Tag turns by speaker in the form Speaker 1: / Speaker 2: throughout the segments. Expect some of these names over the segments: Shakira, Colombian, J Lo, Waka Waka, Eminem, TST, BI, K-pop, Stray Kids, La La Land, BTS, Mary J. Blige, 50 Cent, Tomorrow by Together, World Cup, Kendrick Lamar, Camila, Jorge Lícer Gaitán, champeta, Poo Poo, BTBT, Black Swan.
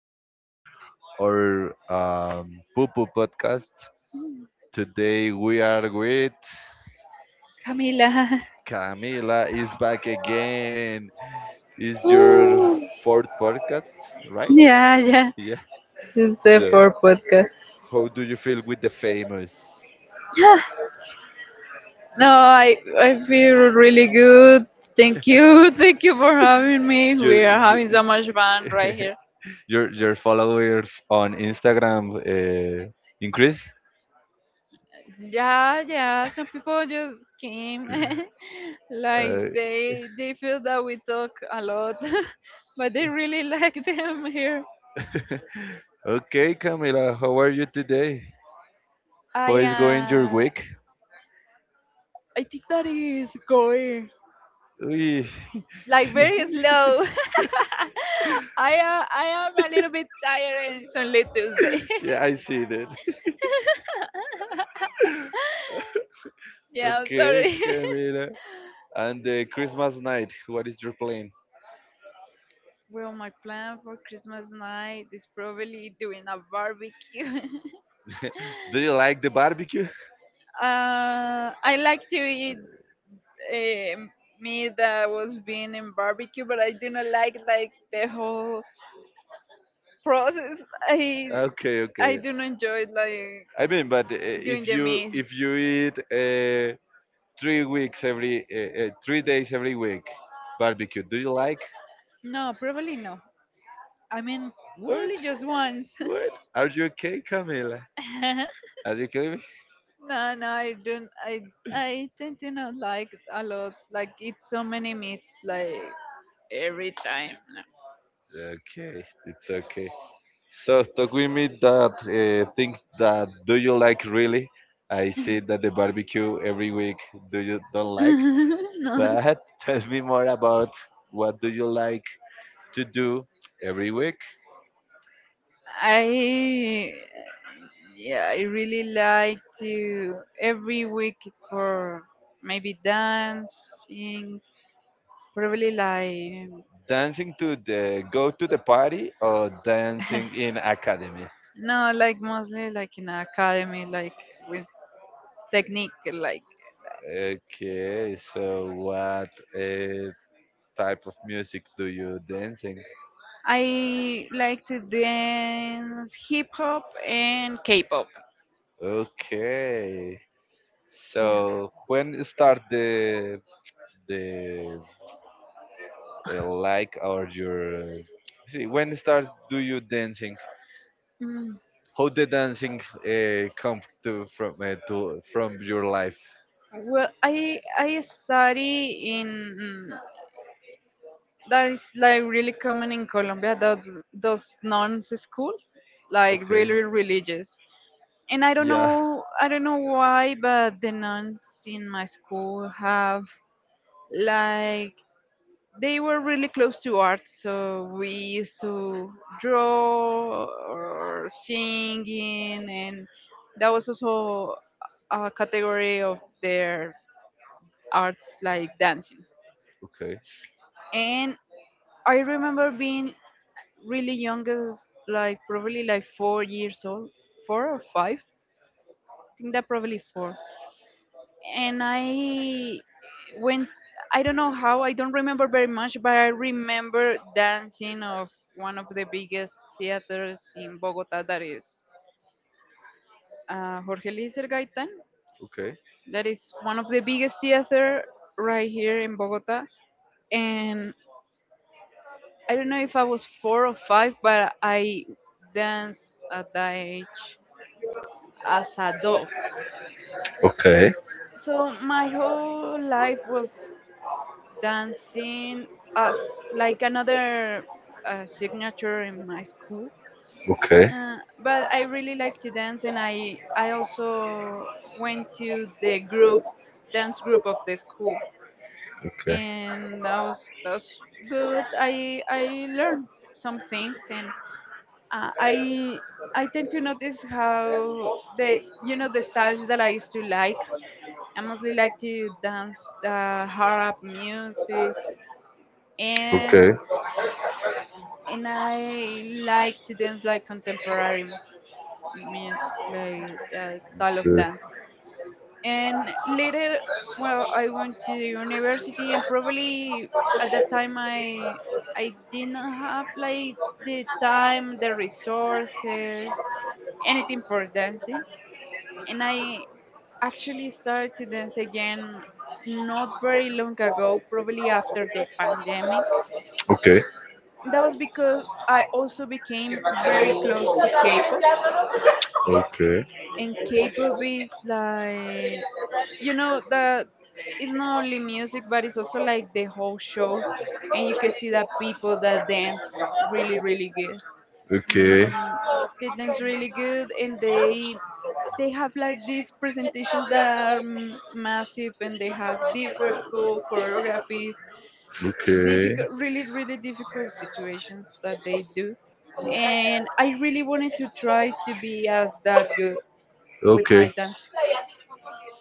Speaker 1: to our Poo Poo podcast. Today we are with
Speaker 2: Camila.
Speaker 1: Camila is back again. Is your fourth podcast, right?
Speaker 2: Yeah, yeah.
Speaker 1: Yeah.
Speaker 2: It's the
Speaker 1: So,
Speaker 2: fourth podcast.
Speaker 1: how do you feel with the famous?
Speaker 2: Yeah. No, I feel really good. Thank you. Thank you for having me.
Speaker 1: Your
Speaker 2: We are
Speaker 1: your
Speaker 2: having so much fun right here.
Speaker 1: your followers on Instagram increase.
Speaker 2: Yeah, yeah. Some people just came.
Speaker 1: Uh,
Speaker 2: Like they feel that we talk a lot. But they really like them here.
Speaker 1: okay, Camila, how are you today? How
Speaker 2: I
Speaker 1: is going your
Speaker 2: uh
Speaker 1: week?
Speaker 2: I think that is going
Speaker 1: Uy,
Speaker 2: like very slow. I am a little bit tired and it's only Tuesday.
Speaker 1: yeah, I see that.
Speaker 2: Yeah, I'm
Speaker 1: Okay,
Speaker 2: sorry.
Speaker 1: Camila. And the Christmas night, what is your plan?
Speaker 2: Well, my plan for Christmas night is probably doing a barbecue.
Speaker 1: Do you like the barbecue?
Speaker 2: I like to eat um meat that was being in barbecue, but I do not like like the whole process. I
Speaker 1: Okay,
Speaker 2: I
Speaker 1: okay.
Speaker 2: do not enjoy like
Speaker 1: I mean, but
Speaker 2: doing
Speaker 1: if
Speaker 2: the
Speaker 1: you
Speaker 2: meat.
Speaker 1: if you eat uh, 3 weeks every 3 days every week barbecue, do you like?
Speaker 2: No, probably no. I mean,
Speaker 1: What?
Speaker 2: probably just once.
Speaker 1: What? Are you okay, Camila? Are you okay?
Speaker 2: No, no, I don't. I tend to not like it a lot. Like eat so many meat like every time.
Speaker 1: It's okay. It's okay. So talk with me that things that do you like really? I see that the barbecue every week do you don't like,
Speaker 2: No, no.
Speaker 1: but tell me more about what do you like to do every week?
Speaker 2: I Yeah, I really like to every week for maybe dancing, probably like
Speaker 1: Dancing to the go to the party or dancing in academy?
Speaker 2: no, like mostly like in academy, like with technique, like
Speaker 1: Okay, so what uh, type of music do you dancing?
Speaker 2: I like to dance hip hop and K-pop.
Speaker 1: Okay, so when start the like or your see when start do you dancing?
Speaker 2: Mm,
Speaker 1: How the dancing come to from your life?
Speaker 2: Well, I study in mm, that is like really common in Colombia. That those nuns school, like
Speaker 1: Okay,
Speaker 2: really religious. And
Speaker 1: yeah,
Speaker 2: I don't know why, but the nuns in my school have like they were really close to art, so we used to draw or singing, and that was also a category of their arts like dancing.
Speaker 1: okay,
Speaker 2: And I remember being really young, as like probably like 4 years old, four or five, I think that probably four. And I went. I don't know how. I don't remember very much, but I remember dancing of one of the biggest theaters in Bogota. That is Jorge Lícer Gaitán.
Speaker 1: okay,
Speaker 2: That is one of the biggest theater right here in Bogota. And I don't know if I was four or five, but I danced at that age as a doll.
Speaker 1: okay,
Speaker 2: So my whole life was dancing as like another signature in my school.
Speaker 1: okay,
Speaker 2: Uh, but I really like to dance, and I also went to the group dance group of the school,
Speaker 1: okay,
Speaker 2: and that was good. I learned some things, and uh, I I tend to notice how the you know the styles that I used to like. I mostly like to dance the Harap music,
Speaker 1: okay.
Speaker 2: and
Speaker 1: Okay.
Speaker 2: and I like to dance like contemporary music, like style of dance. And later, well, I went to the university, and probably at that time I didn't have like the time, the resources, anything for dancing, and I actually started to dance again not very long ago, probably after the pandemic
Speaker 1: Okay.
Speaker 2: that was because I also became very close to K-pop,
Speaker 1: Okay.
Speaker 2: and K-pop is like, you know, that it's not only music, but it's also like the whole show, and you can see that people that dance really, really good.
Speaker 1: Okay.
Speaker 2: Mm, they dance really good, and they have like these presentations that are massive, and they have difficult choreographies, difficult really difficult situations that they do
Speaker 1: Okay.
Speaker 2: and I really wanted to try to be as that good with my
Speaker 1: Okay.
Speaker 2: dance,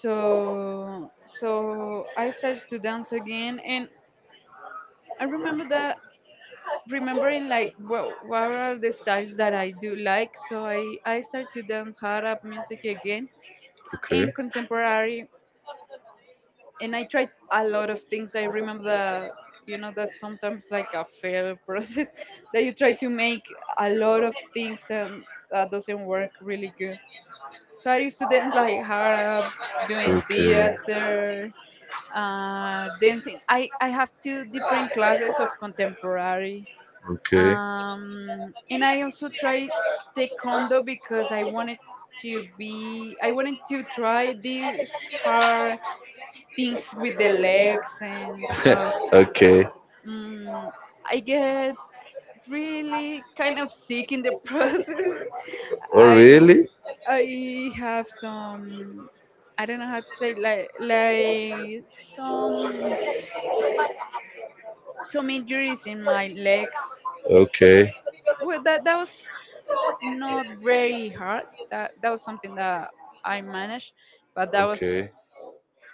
Speaker 2: so I started to dance again, and I remembering like well what are the styles that I do like, so I started to dance hard up music again and
Speaker 1: Okay.
Speaker 2: contemporary. And I tried a lot of things. I remember the you know that's sometimes like a fail process that you try to make a lot of things and that doesn't work really good. So I used to dance like harp, doing
Speaker 1: Okay.
Speaker 2: theater, dancing. I have two different classes of contemporary,
Speaker 1: Okay.
Speaker 2: and I also tried taekwondo because I wanted to try this hard things with the legs and stuff.
Speaker 1: Okay.
Speaker 2: Mm, I get really kind of sick in the process.
Speaker 1: Oh,
Speaker 2: I
Speaker 1: really?
Speaker 2: I have some I don't know how to say like some some injuries in my legs.
Speaker 1: Okay.
Speaker 2: Well, that was not very hard. That was something that I managed, but that was
Speaker 1: Okay.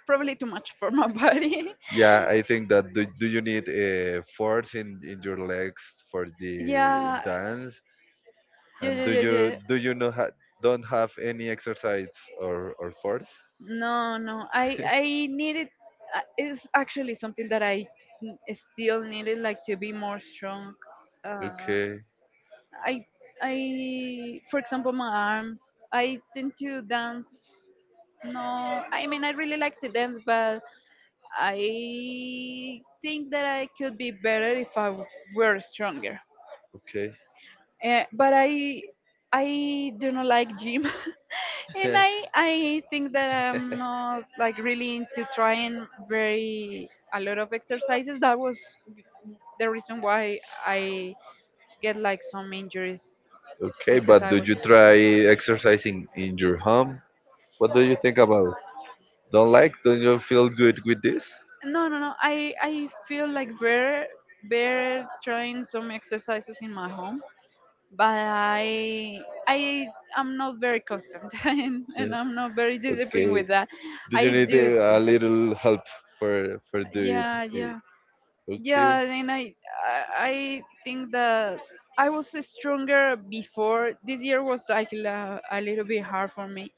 Speaker 2: probably too much for my body.
Speaker 1: Yeah, I think that do you need a force in your legs for the
Speaker 2: Yeah,
Speaker 1: dance, and
Speaker 2: yeah,
Speaker 1: do
Speaker 2: yeah,
Speaker 1: you
Speaker 2: yeah,
Speaker 1: do you not don't
Speaker 2: yeah.
Speaker 1: have any exercise or force,
Speaker 2: No, no. I needed it's actually something that I still needed like to be more strong. Uh,
Speaker 1: okay?
Speaker 2: I I for example my arms. I tend to dance. No, I mean I really like to dance, but I think that I could be better if were stronger.
Speaker 1: Okay.
Speaker 2: But I do not like gym, and I think that I'm not like really into trying very a lot of exercises. That was the reason why I get like some injuries
Speaker 1: Okay,
Speaker 2: because
Speaker 1: but
Speaker 2: I
Speaker 1: do
Speaker 2: was
Speaker 1: you try exercising in your home? What do you think about don't like don't you feel good with this?
Speaker 2: no no no I feel like very very trying some exercises in my home, but I am not very constant and
Speaker 1: Yeah,
Speaker 2: I'm not very disciplined
Speaker 1: okay.
Speaker 2: with that.
Speaker 1: Do you
Speaker 2: I
Speaker 1: need
Speaker 2: do it
Speaker 1: a
Speaker 2: sometimes.
Speaker 1: little help for do it?
Speaker 2: Yeah,
Speaker 1: Eh, okay,
Speaker 2: yeah. And I think that I was stronger before. This year was like la, a little bit hard for me,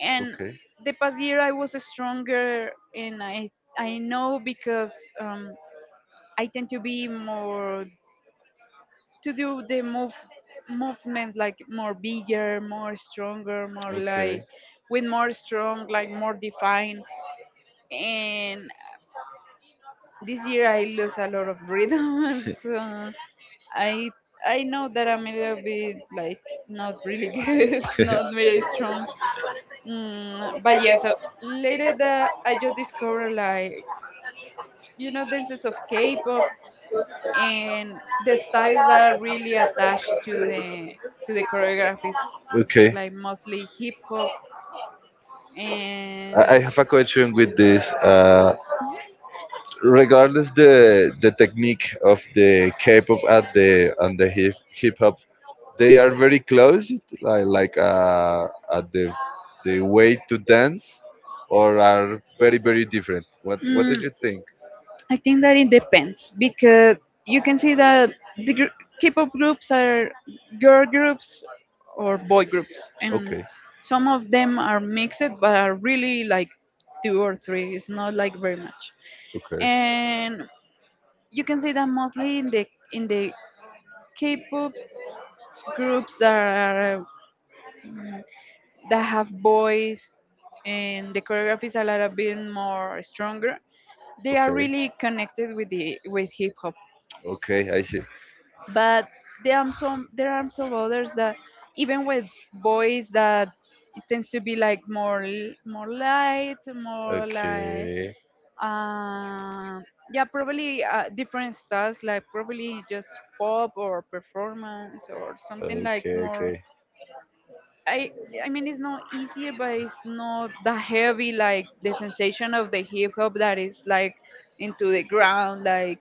Speaker 2: and
Speaker 1: okay.
Speaker 2: the past year I was stronger, and I know because um I tend to be more to do the movement like more bigger, more stronger, more like
Speaker 1: Okay.
Speaker 2: with more strong, like more defined. And this year I lose a lot of rhythm, so I I know that I'm a little bit like not really good, not very strong. But yeah, so later that I just discovered like you know dances of K-pop and the styles that are really attached to the choreographies
Speaker 1: Okay.
Speaker 2: like mostly hip hop
Speaker 1: I
Speaker 2: and
Speaker 1: have a question with this. Regardless the technique of the K-pop at the and the hip hop, they are very close, like at the way to dance, or are very very different? What did
Speaker 2: Mm,
Speaker 1: you think?
Speaker 2: I think that it depends because you can see that the K-pop groups are girl groups or boy groups, and
Speaker 1: Okay,
Speaker 2: some of them are mixed, but are really like two or three. It's not like very much,
Speaker 1: okay,
Speaker 2: and you can see that mostly in the K-pop groups that are that have boys, and the choreographies are a little bit more stronger. They are
Speaker 1: okay,
Speaker 2: really connected with the with hip hop,
Speaker 1: okay, I see.
Speaker 2: but there are some others that even with boys that it tends to be like more more light, more like
Speaker 1: Okay,
Speaker 2: yeah, probably different styles like probably just pop or performance or something like
Speaker 1: okay,
Speaker 2: more.
Speaker 1: okay,
Speaker 2: I i mean it's not easier, but it's not that heavy like the sensation of the hip hop that is like into the ground like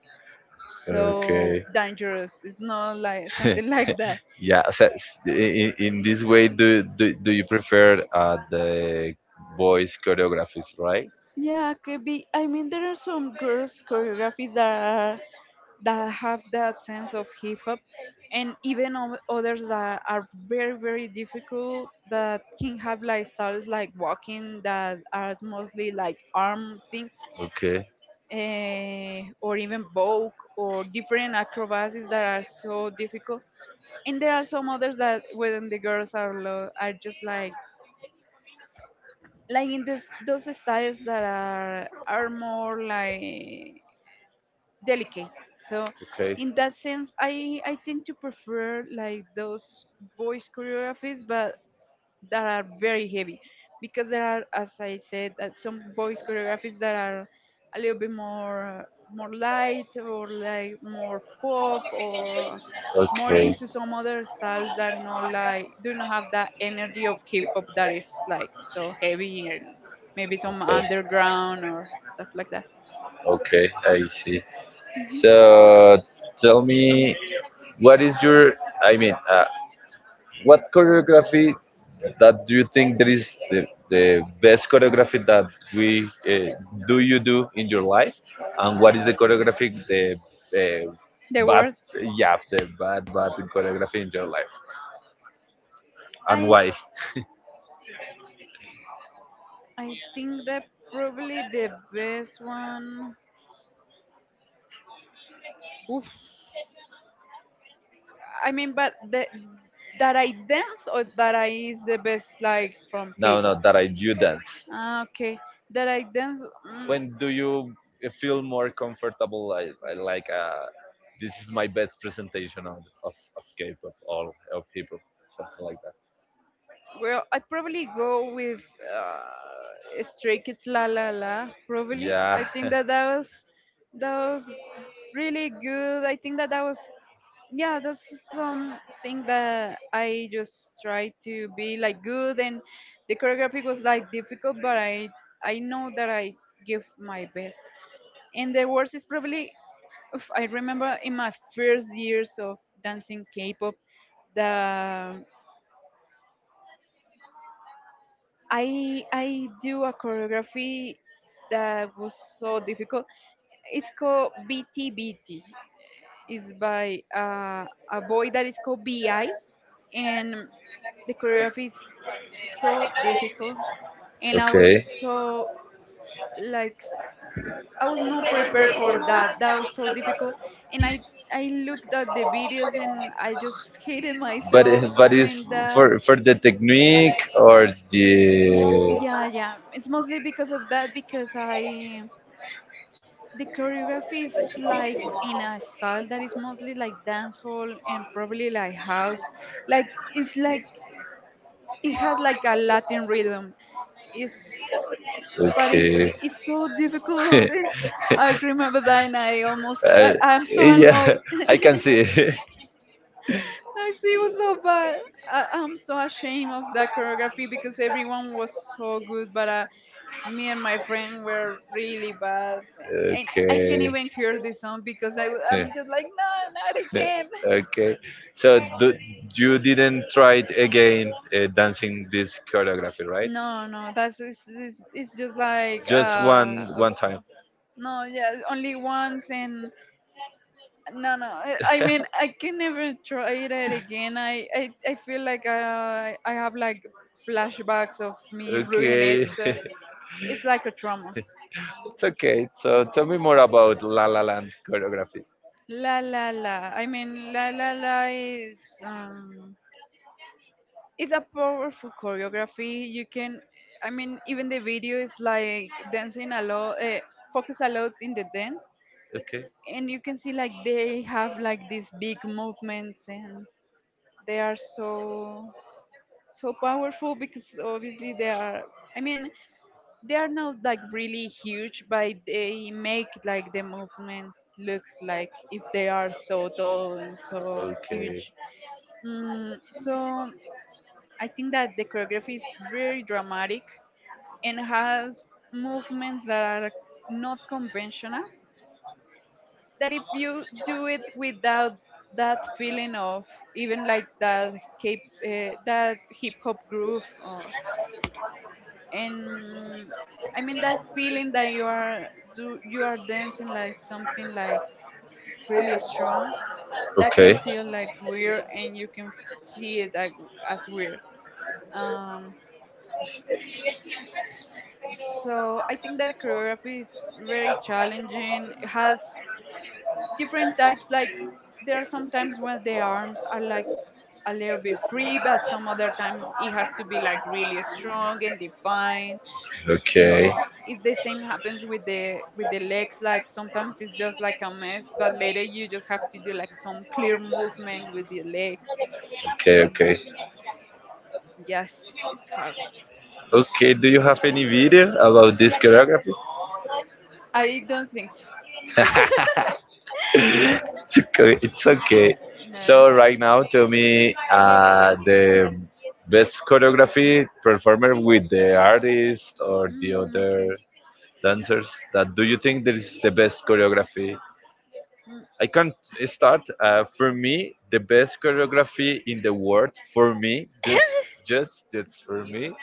Speaker 2: so
Speaker 1: okay.
Speaker 2: dangerous. It's not like something like that.
Speaker 1: Yeah, so in this way, do you prefer the voice choreographies, right?
Speaker 2: Yeah, could be. I mean, there are some girls' choreographies that are, that have that sense of hip hop, and even others that are very very difficult that can have like styles like walking that are mostly like arm things,
Speaker 1: Okay,
Speaker 2: or even vogue or different acrobacies that are so difficult. And there are some others that when the girls are are just like in this those styles that are more like delicate. So
Speaker 1: okay,
Speaker 2: in that sense, I tend to prefer like those voice choreographies, but that are very heavy, because there are, as I said, that some voice choreographies that are a little bit more more light, or like more pop, or more
Speaker 1: okay,
Speaker 2: into some other styles that not like do not have that energy of hip hop that is like so heavy and maybe some
Speaker 1: okay,
Speaker 2: underground or stuff like that.
Speaker 1: okay, I see. So tell me, what is your, I mean what choreography that do you think that is the best choreography that we do you do in your life, and what is the choreography the uh,
Speaker 2: The
Speaker 1: bad?
Speaker 2: worst.
Speaker 1: Yeah, the bad choreography in your life, and
Speaker 2: I
Speaker 1: why?
Speaker 2: I think that probably the best one. Oof. I mean, but the that I dance or that I is the best like from
Speaker 1: Now
Speaker 2: K-pop.
Speaker 1: that I do dance,
Speaker 2: Ah, okay. That I dance. mm,
Speaker 1: when do you feel more comfortable, I like, this is my best presentation of, K-pop or of hip-hop, something like that.
Speaker 2: Well, I probably go with Stray Kids La La La. Probably, I
Speaker 1: Yeah.
Speaker 2: think that that was really good. I think that that was yeah, that's something that I just try to be like good, and the choreography was like difficult, but I know that I give my best. And the worst is probably oof, I remember in my first years of dancing K-pop, the I do a choreography that was so difficult. It's called BTBT. It's by a boy that is called BI, and the choreography is so difficult. And
Speaker 1: Okay.
Speaker 2: so like I was not prepared for that. That was so difficult. And I looked at the videos and I just hated
Speaker 1: But
Speaker 2: myself
Speaker 1: but is
Speaker 2: doing that.
Speaker 1: for the technique or the?
Speaker 2: Yeah, yeah. It's mostly because of that because I the choreography is like in a style that is mostly like dance hall and probably like house, like it's like it has like a latin rhythm. it's but it's
Speaker 1: Okay.
Speaker 2: it's so difficult and I remember that and I almost
Speaker 1: uh,
Speaker 2: I, I'm so
Speaker 1: yeah
Speaker 2: annoyed.
Speaker 1: I can see it.
Speaker 2: Like it was so bad. I, I'm so ashamed of that choreography because everyone was so good, but me and my friend were really bad, and I can't
Speaker 1: Okay.
Speaker 2: even hear the song because I'm just like no, not again.
Speaker 1: Okay. So you didn't try it again dancing this choreography, right?
Speaker 2: No, no, that's it's just like
Speaker 1: Just one one time.
Speaker 2: no, yeah, only once. And no, I mean, I can never try it again. I feel like I have like flashbacks of me ruining it.
Speaker 1: Okay.
Speaker 2: So it's like a trauma.
Speaker 1: It's okay. So tell me more about La La Land choreography.
Speaker 2: La La La. I mean, La La La is it's a powerful choreography. I mean, even the video is like dancing a lot, focus a lot in the dance,
Speaker 1: Okay,
Speaker 2: and you can see like they have like these big movements, and they are so powerful because obviously they are. I mean, they are not like really huge, but they make like the movements look like if they are so tall and so
Speaker 1: okay,
Speaker 2: huge. So I think that the choreography is very dramatic and has movements that are not conventional. That if you do it without that feeling of even like that cape, that hip hop groove or and I mean that feeling that you are do you are dancing like something like really strong that can
Speaker 1: okay,
Speaker 2: feel like weird and you can see it like as weird. Um, so I think that choreography is very challenging. It has different types. Like there are sometimes when the arms are like a little bit free, but some other times it has to be like really strong and defined.
Speaker 1: okay.
Speaker 2: Mm, it's the same happens with the legs. Like sometimes it's just like a mess, but later you just have to do like some clear movement with the legs.
Speaker 1: Okay, okay.
Speaker 2: Mm, yes, it's hard.
Speaker 1: Okay, do you have any video about this choreography?
Speaker 2: I don't think so.
Speaker 1: It's okay. It's okay.
Speaker 2: No,
Speaker 1: So right now, tell
Speaker 2: it's-
Speaker 1: me the best choreography performer with the artist or the
Speaker 2: Mm,
Speaker 1: other
Speaker 2: okay.
Speaker 1: dancers that do you think there is the best choreography?
Speaker 2: Mm.
Speaker 1: I can't start. For me, the best choreography in the world, for me, just for me,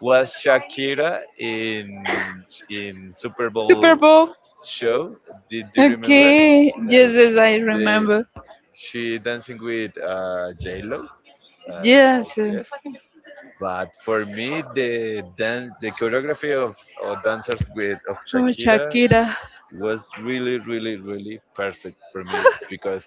Speaker 1: was Shakira in Super Bowl
Speaker 2: Super Bowl.
Speaker 1: show. Did you remember
Speaker 2: Okay. Yes,
Speaker 1: that
Speaker 2: yes, I
Speaker 1: they,
Speaker 2: remember.
Speaker 1: she dancing with J Lo? Uh,
Speaker 2: Yes,
Speaker 1: I
Speaker 2: yes.
Speaker 1: guess. But for me, the choreography of dancers with of
Speaker 2: Oh,
Speaker 1: Shakira
Speaker 2: Shakira.
Speaker 1: was really, really, really perfect for me, because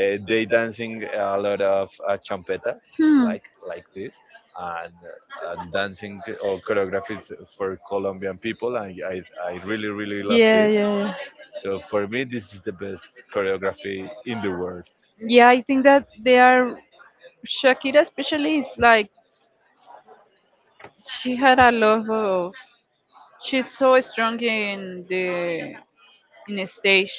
Speaker 1: they dancing a lot of champeta,
Speaker 2: Hmm.
Speaker 1: like this, and dancing or choreographies for Colombian people. I really, really love
Speaker 2: Yeah,
Speaker 1: this.
Speaker 2: yeah, yeah.
Speaker 1: So for me, this is the best choreography in the world.
Speaker 2: Yeah, I think that they are Shakira especially is like she had a lot of she's so strong in the stage.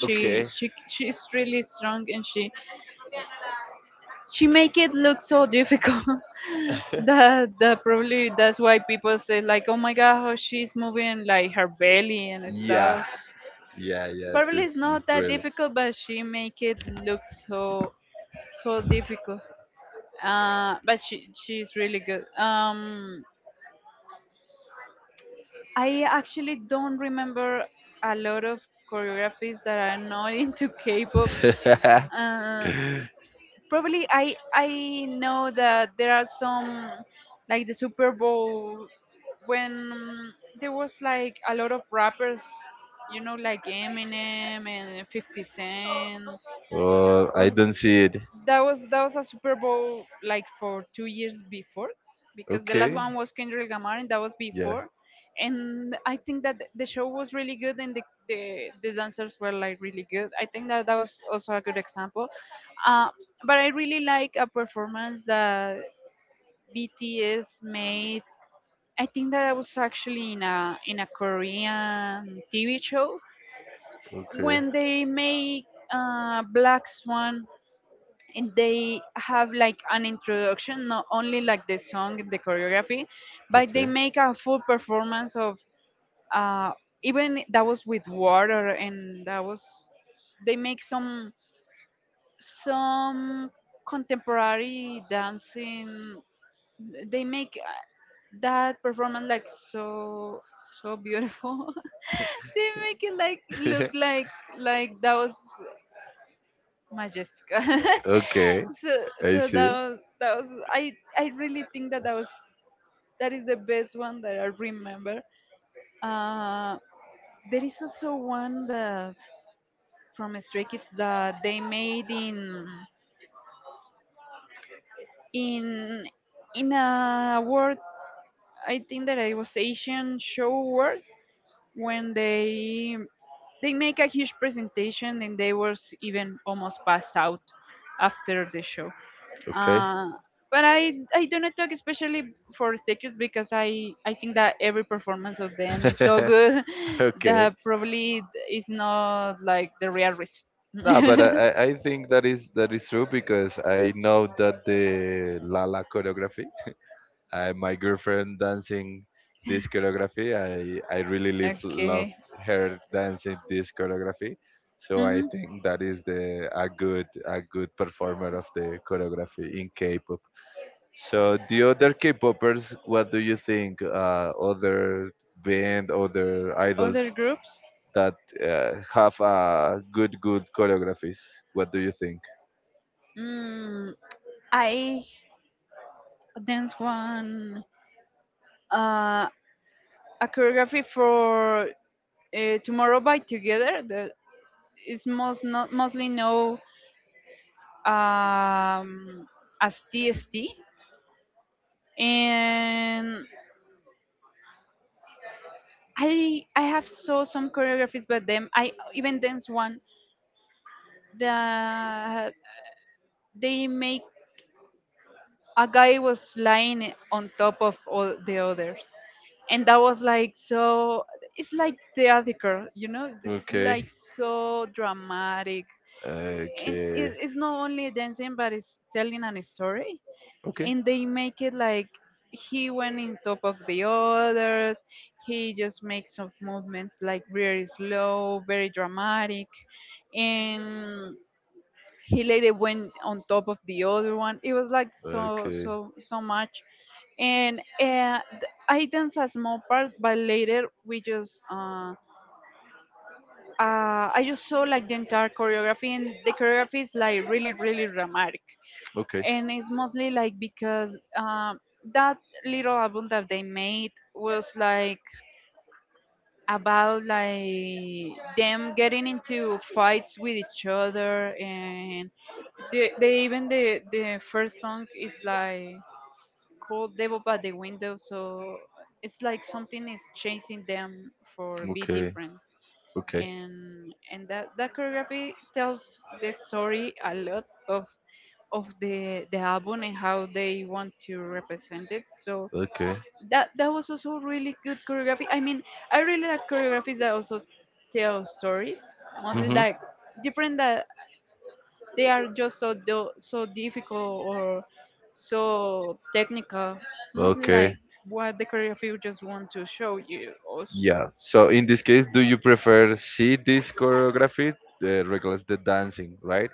Speaker 2: She
Speaker 1: Okay.
Speaker 2: she she's really strong and she make it look so difficult that that probably that's why people say like oh my god how she's moving like her belly and
Speaker 1: Yeah,
Speaker 2: stuff.
Speaker 1: yeah, yeah.
Speaker 2: Probably it's not
Speaker 1: It's
Speaker 2: that
Speaker 1: real.
Speaker 2: difficult but she make it look so so difficult. But she's really good. I actually don't remember a lot of choreographies that are not into K-pop. Uh, Probably I know that there are some like the Super Bowl when there was like a lot of rappers, you know, like Eminem and 50 Cent.
Speaker 1: Oh, I
Speaker 2: Oh,
Speaker 1: don't see it.
Speaker 2: that was a Super Bowl like for 2 years before, because the last
Speaker 1: Okay.
Speaker 2: one was Kendrick Lamar, and that was
Speaker 1: Yeah.
Speaker 2: before. And I think that the show was really good, and the dancers were like really good. I think that that was also a good example. Uh, but I really like a performance that BTS made. I think that was actually in a Korean TV show
Speaker 1: Okay.
Speaker 2: when they make Black Swan and they have like an introduction not only like the song and the choreography but they make a full performance of uh even that was with water and that was s- they make some contemporary dancing. They make that performance like so so beautiful. They make it like look like that was Majestica.
Speaker 1: Okay,
Speaker 2: So
Speaker 1: I
Speaker 2: so
Speaker 1: see.
Speaker 2: that was I really think that that was that is the best one that I remember. Uh, there is also one that from Stray Kids that they made in in in a world. I think that it was Asian show world when they make a huge presentation and they was even almost passed out after the show.
Speaker 1: Okay.
Speaker 2: Uh, but I do not talk especially for Stekus because I think that every performance of them is so good
Speaker 1: Okay.
Speaker 2: that probably it's not like the real reason.
Speaker 1: No, but I think that is true, because I know that the Lala choreography, my girlfriend dancing this choreography. I really love
Speaker 2: Okay.
Speaker 1: her dancing this choreography. So I
Speaker 2: Hmm.
Speaker 1: think that is the a good performer of the choreography in K-pop. So the other K-popers, what do you think? Other band, other idols
Speaker 2: Other groups.
Speaker 1: that have good choreographies. What do you think?
Speaker 2: Mm, I dance one uh, a choreography for tomorrow by together, the is most no, mostly known um, as TST. And I have saw some choreographies by them. I even dance one that they make. A guy was lying on top of all the others and that was like so it's like theatrical, you know, it's
Speaker 1: Okay, like.
Speaker 2: like so dramatic.
Speaker 1: So.
Speaker 2: And it,
Speaker 1: Okay.
Speaker 2: it's not only dancing but it's telling an story.
Speaker 1: Okay.
Speaker 2: And they make it like he went in top of the others. He just makes some movements like very slow very dramatic. And he later went on top of the other one. It was like so
Speaker 1: Okay.
Speaker 2: so so much. And I dance a small part but later we just I just saw like the entire choreography, and the choreography is like really, really dramatic.
Speaker 1: Okay.
Speaker 2: And it's mostly like because that little album that they made was like about like them getting into fights with each other. And they even the first song is like called devil by the window. So it's like something is chasing them for be
Speaker 1: Okay.
Speaker 2: different. And that that choreography tells the story a lot of the album and how they want to represent it. So
Speaker 1: Okay. Okay.
Speaker 2: that that was also really good choreography. I mean, I really like choreographies that also tell stories mostly
Speaker 1: Hmm.
Speaker 2: like different that they are just so do- so difficult or so technical. It's mostly like
Speaker 1: Okay.
Speaker 2: what the choreography just want to show you also.
Speaker 1: Yeah. So in this case, do you prefer see this choreography regardless the dancing, right?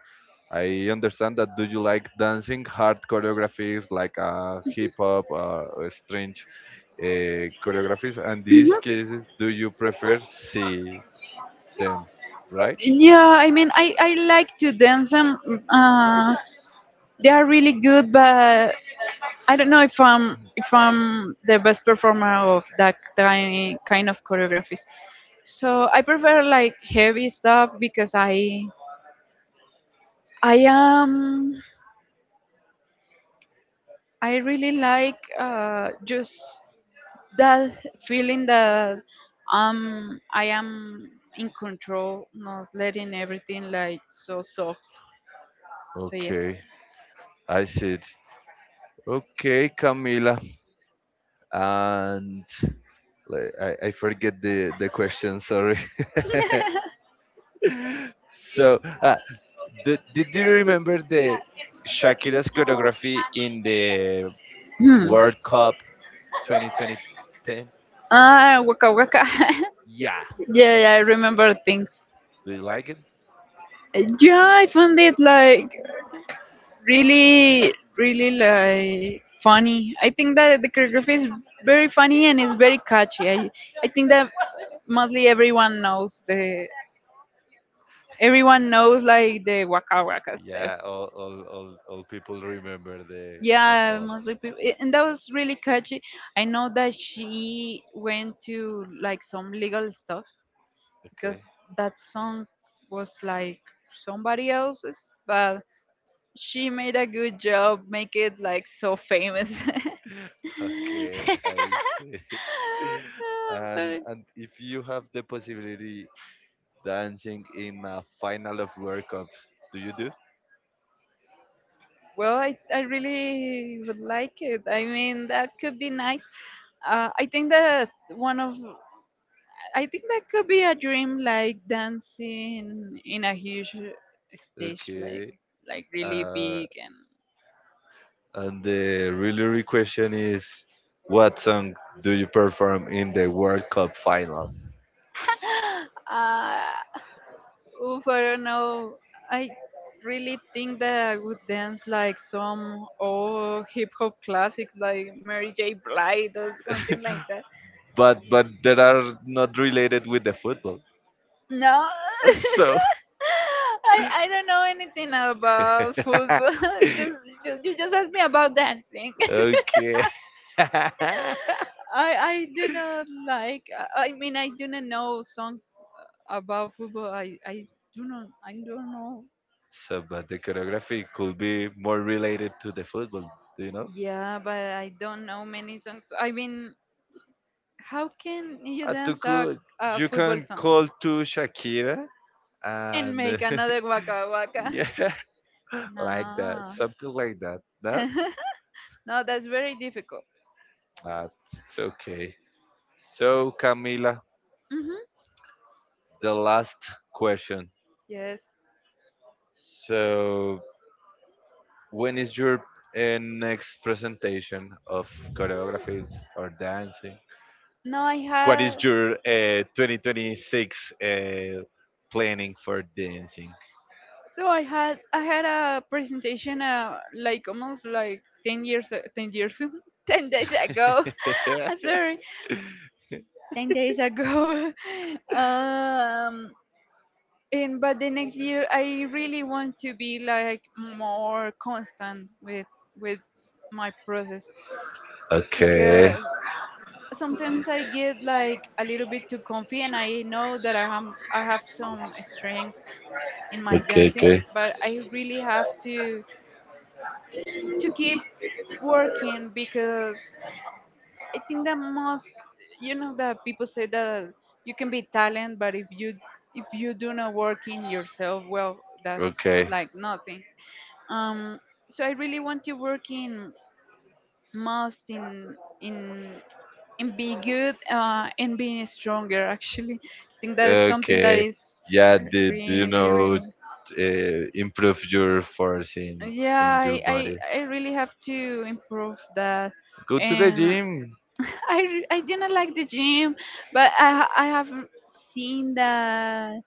Speaker 1: I understand that. Do you like dancing hard choreographies like hip hop or strange choreographies? And these cases, do you prefer see? Them, right?
Speaker 2: Yeah, I mean, I like to dance them. Uh, they are really good, but I don't know if I'm the best performer of that kind of choreographies. So I prefer like heavy stuff because I am I really like just that feeling that I am in control, not letting everything like so soft. So yeah.
Speaker 1: Okay, I see it. Okay, Camila, and like, I forget the question. Sorry. So, did you remember the Shakira's choreography in the
Speaker 2: Hmm.
Speaker 1: World Cup 2010?
Speaker 2: Ah, Waka Waka.
Speaker 1: Yeah.
Speaker 2: Yeah, yeah, I remember things.
Speaker 1: Do you like it?
Speaker 2: Yeah, I found it like really, really like funny. I think that the choreography is very funny and it's very catchy. I think that mostly everyone knows the everyone knows like the Waka Waka
Speaker 1: Yeah.
Speaker 2: steps.
Speaker 1: All people remember the Waka
Speaker 2: Yeah,
Speaker 1: Waka.
Speaker 2: mostly people, and that was really catchy. I know that she went to like some legal stuff
Speaker 1: Okay.
Speaker 2: because that song was like somebody else's, but she made a good job, make it like so famous. I'm
Speaker 1: Okay, I see. And
Speaker 2: sorry.
Speaker 1: and if you have the possibility dancing in a final of World Cups, do you do?
Speaker 2: Well, I really would like it. I mean, that could be nice. I think that one of I think that could be a dream, like dancing in a huge stage,
Speaker 1: Okay.
Speaker 2: like really
Speaker 1: Uh,
Speaker 2: big.
Speaker 1: and the really real question is, what song do you perform in the World Cup final?
Speaker 2: And uh, oof, I don't know. I really think that I would dance like some old hip hop classics like Mary J. Blige or something like that.
Speaker 1: But that are not related with the football.
Speaker 2: No,
Speaker 1: So
Speaker 2: I don't know anything about football. just, just you just asked me about dancing.
Speaker 1: okay.
Speaker 2: I do not like. I mean, I do not know songs about football. I do not. I don't know.
Speaker 1: So, but the choreography could be more related to the football, do you know?
Speaker 2: Yeah, but I don't know many songs. I mean, how can you dance
Speaker 1: Cool.
Speaker 2: a
Speaker 1: You
Speaker 2: football
Speaker 1: can
Speaker 2: song
Speaker 1: call to Shakira
Speaker 2: and
Speaker 1: and
Speaker 2: make another waka waka?
Speaker 1: yeah, like that,
Speaker 2: No.
Speaker 1: something like that.
Speaker 2: No, that's very difficult.
Speaker 1: Uh, it's okay. So Camila,
Speaker 2: Hmm.
Speaker 1: the last question.
Speaker 2: Yes.
Speaker 1: So when is your next presentation of choreographies or dancing?
Speaker 2: No, I
Speaker 1: What is
Speaker 2: had.
Speaker 1: your 2026 planning for dancing?
Speaker 2: No, I had a presentation like almost like 10 years a- 10 years 10 days ago. I'm sorry, 10 days ago. um, and but the next year I really want to be like more constant with my process
Speaker 1: Okay,
Speaker 2: because sometimes I get like a little bit too comfy and I know that I have I have some strengths in my
Speaker 1: okay,
Speaker 2: dancing
Speaker 1: okay.
Speaker 2: but I really have to keep working because I think that most you know that people say that you can be talent but if you do not work in yourself well that's
Speaker 1: Okay,
Speaker 2: like nothing. Um, so I really want to work in most in in in being good and being stronger. Actually, I think that is something that
Speaker 1: okay.
Speaker 2: is
Speaker 1: Yeah, did you
Speaker 2: really
Speaker 1: know
Speaker 2: really
Speaker 1: improve your force in
Speaker 2: yeah.
Speaker 1: your
Speaker 2: I I,
Speaker 1: body?
Speaker 2: I really have to improve that.
Speaker 1: Go to the
Speaker 2: And
Speaker 1: gym.
Speaker 2: I re- I didn't like the gym, but I ha- I have seen that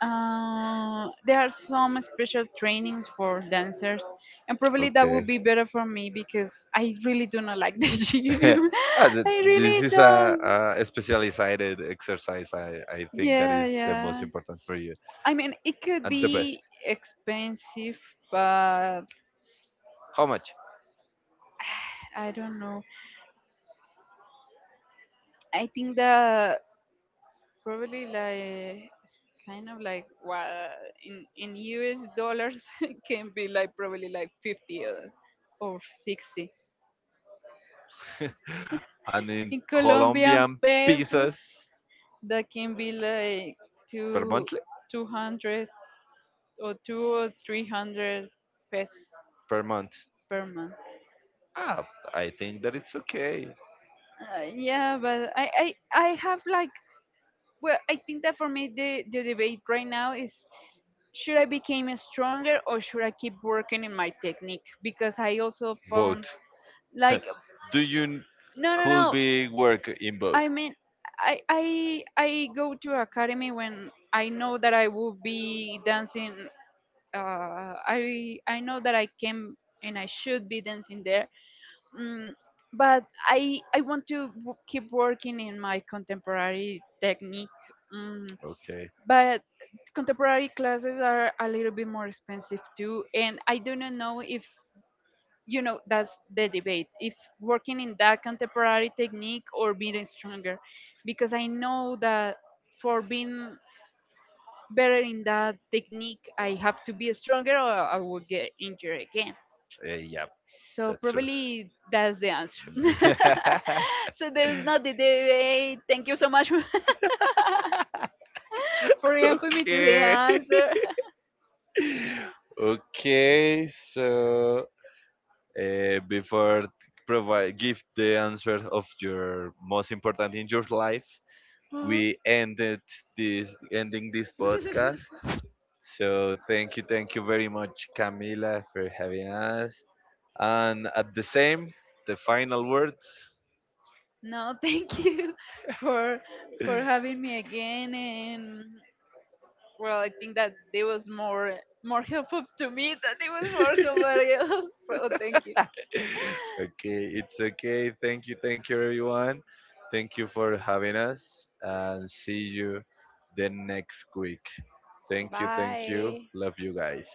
Speaker 2: There are some special trainings for dancers, and probably that
Speaker 1: Okay.
Speaker 2: would be better for me because I really do not like the gym.
Speaker 1: Ah, th-
Speaker 2: I
Speaker 1: this
Speaker 2: really
Speaker 1: is
Speaker 2: don't.
Speaker 1: a specialized exercise. I think that
Speaker 2: Yeah,
Speaker 1: is the most
Speaker 2: yeah.
Speaker 1: important for you
Speaker 2: I mean, it could
Speaker 1: and the best.
Speaker 2: be expensive, but
Speaker 1: How much?
Speaker 2: I don't know. I think that probably like it's kind of like what in US dollars it can be like probably like 50 or 60.
Speaker 1: And in
Speaker 2: In Colombian
Speaker 1: Colombian
Speaker 2: pesos,
Speaker 1: pesos
Speaker 2: that can be like
Speaker 1: per
Speaker 2: two,
Speaker 1: month?
Speaker 2: 200 or two or 300 pesos
Speaker 1: Per month.
Speaker 2: per month.
Speaker 1: Ah, I think that it's okay.
Speaker 2: Yeah, but I have like, well, I think that for me, the debate right now is should I become stronger or should I keep working in my technique? Because I also found
Speaker 1: Both.
Speaker 2: like,
Speaker 1: Do you n-
Speaker 2: no, no,
Speaker 1: could
Speaker 2: no.
Speaker 1: be work in both?
Speaker 2: I mean, I go to academy when I know that I will be dancing. I know that I came and I should be dancing there, mm, but I want to w- keep working in my contemporary technique. Mm,
Speaker 1: Okay.
Speaker 2: but contemporary classes are a little bit more expensive too, and I do not know if you know that's the debate if working in that contemporary technique or being stronger because I know that for being better in that technique. I have to be stronger or I will get injured again.
Speaker 1: Yeah,
Speaker 2: So
Speaker 1: that's true.
Speaker 2: probably that's the answer. So there's not the debate. Thank you so much for helping me to the
Speaker 1: Okay.
Speaker 2: answer.
Speaker 1: Okay. So before t- provide give the answer of your most important in your life,
Speaker 2: Mhm.
Speaker 1: we ended this ending this podcast. So thank you very much, Camila, for having us. And at the same, the final words.
Speaker 2: No, thank you for for having me again. And well I think that it was more more helpful to me than it was for somebody else. So thank you.
Speaker 1: Okay, it's okay. Thank you, everyone. Thank you for having us, and see you the next week. Thank you, thank you.
Speaker 2: Bye.
Speaker 1: Love you guys.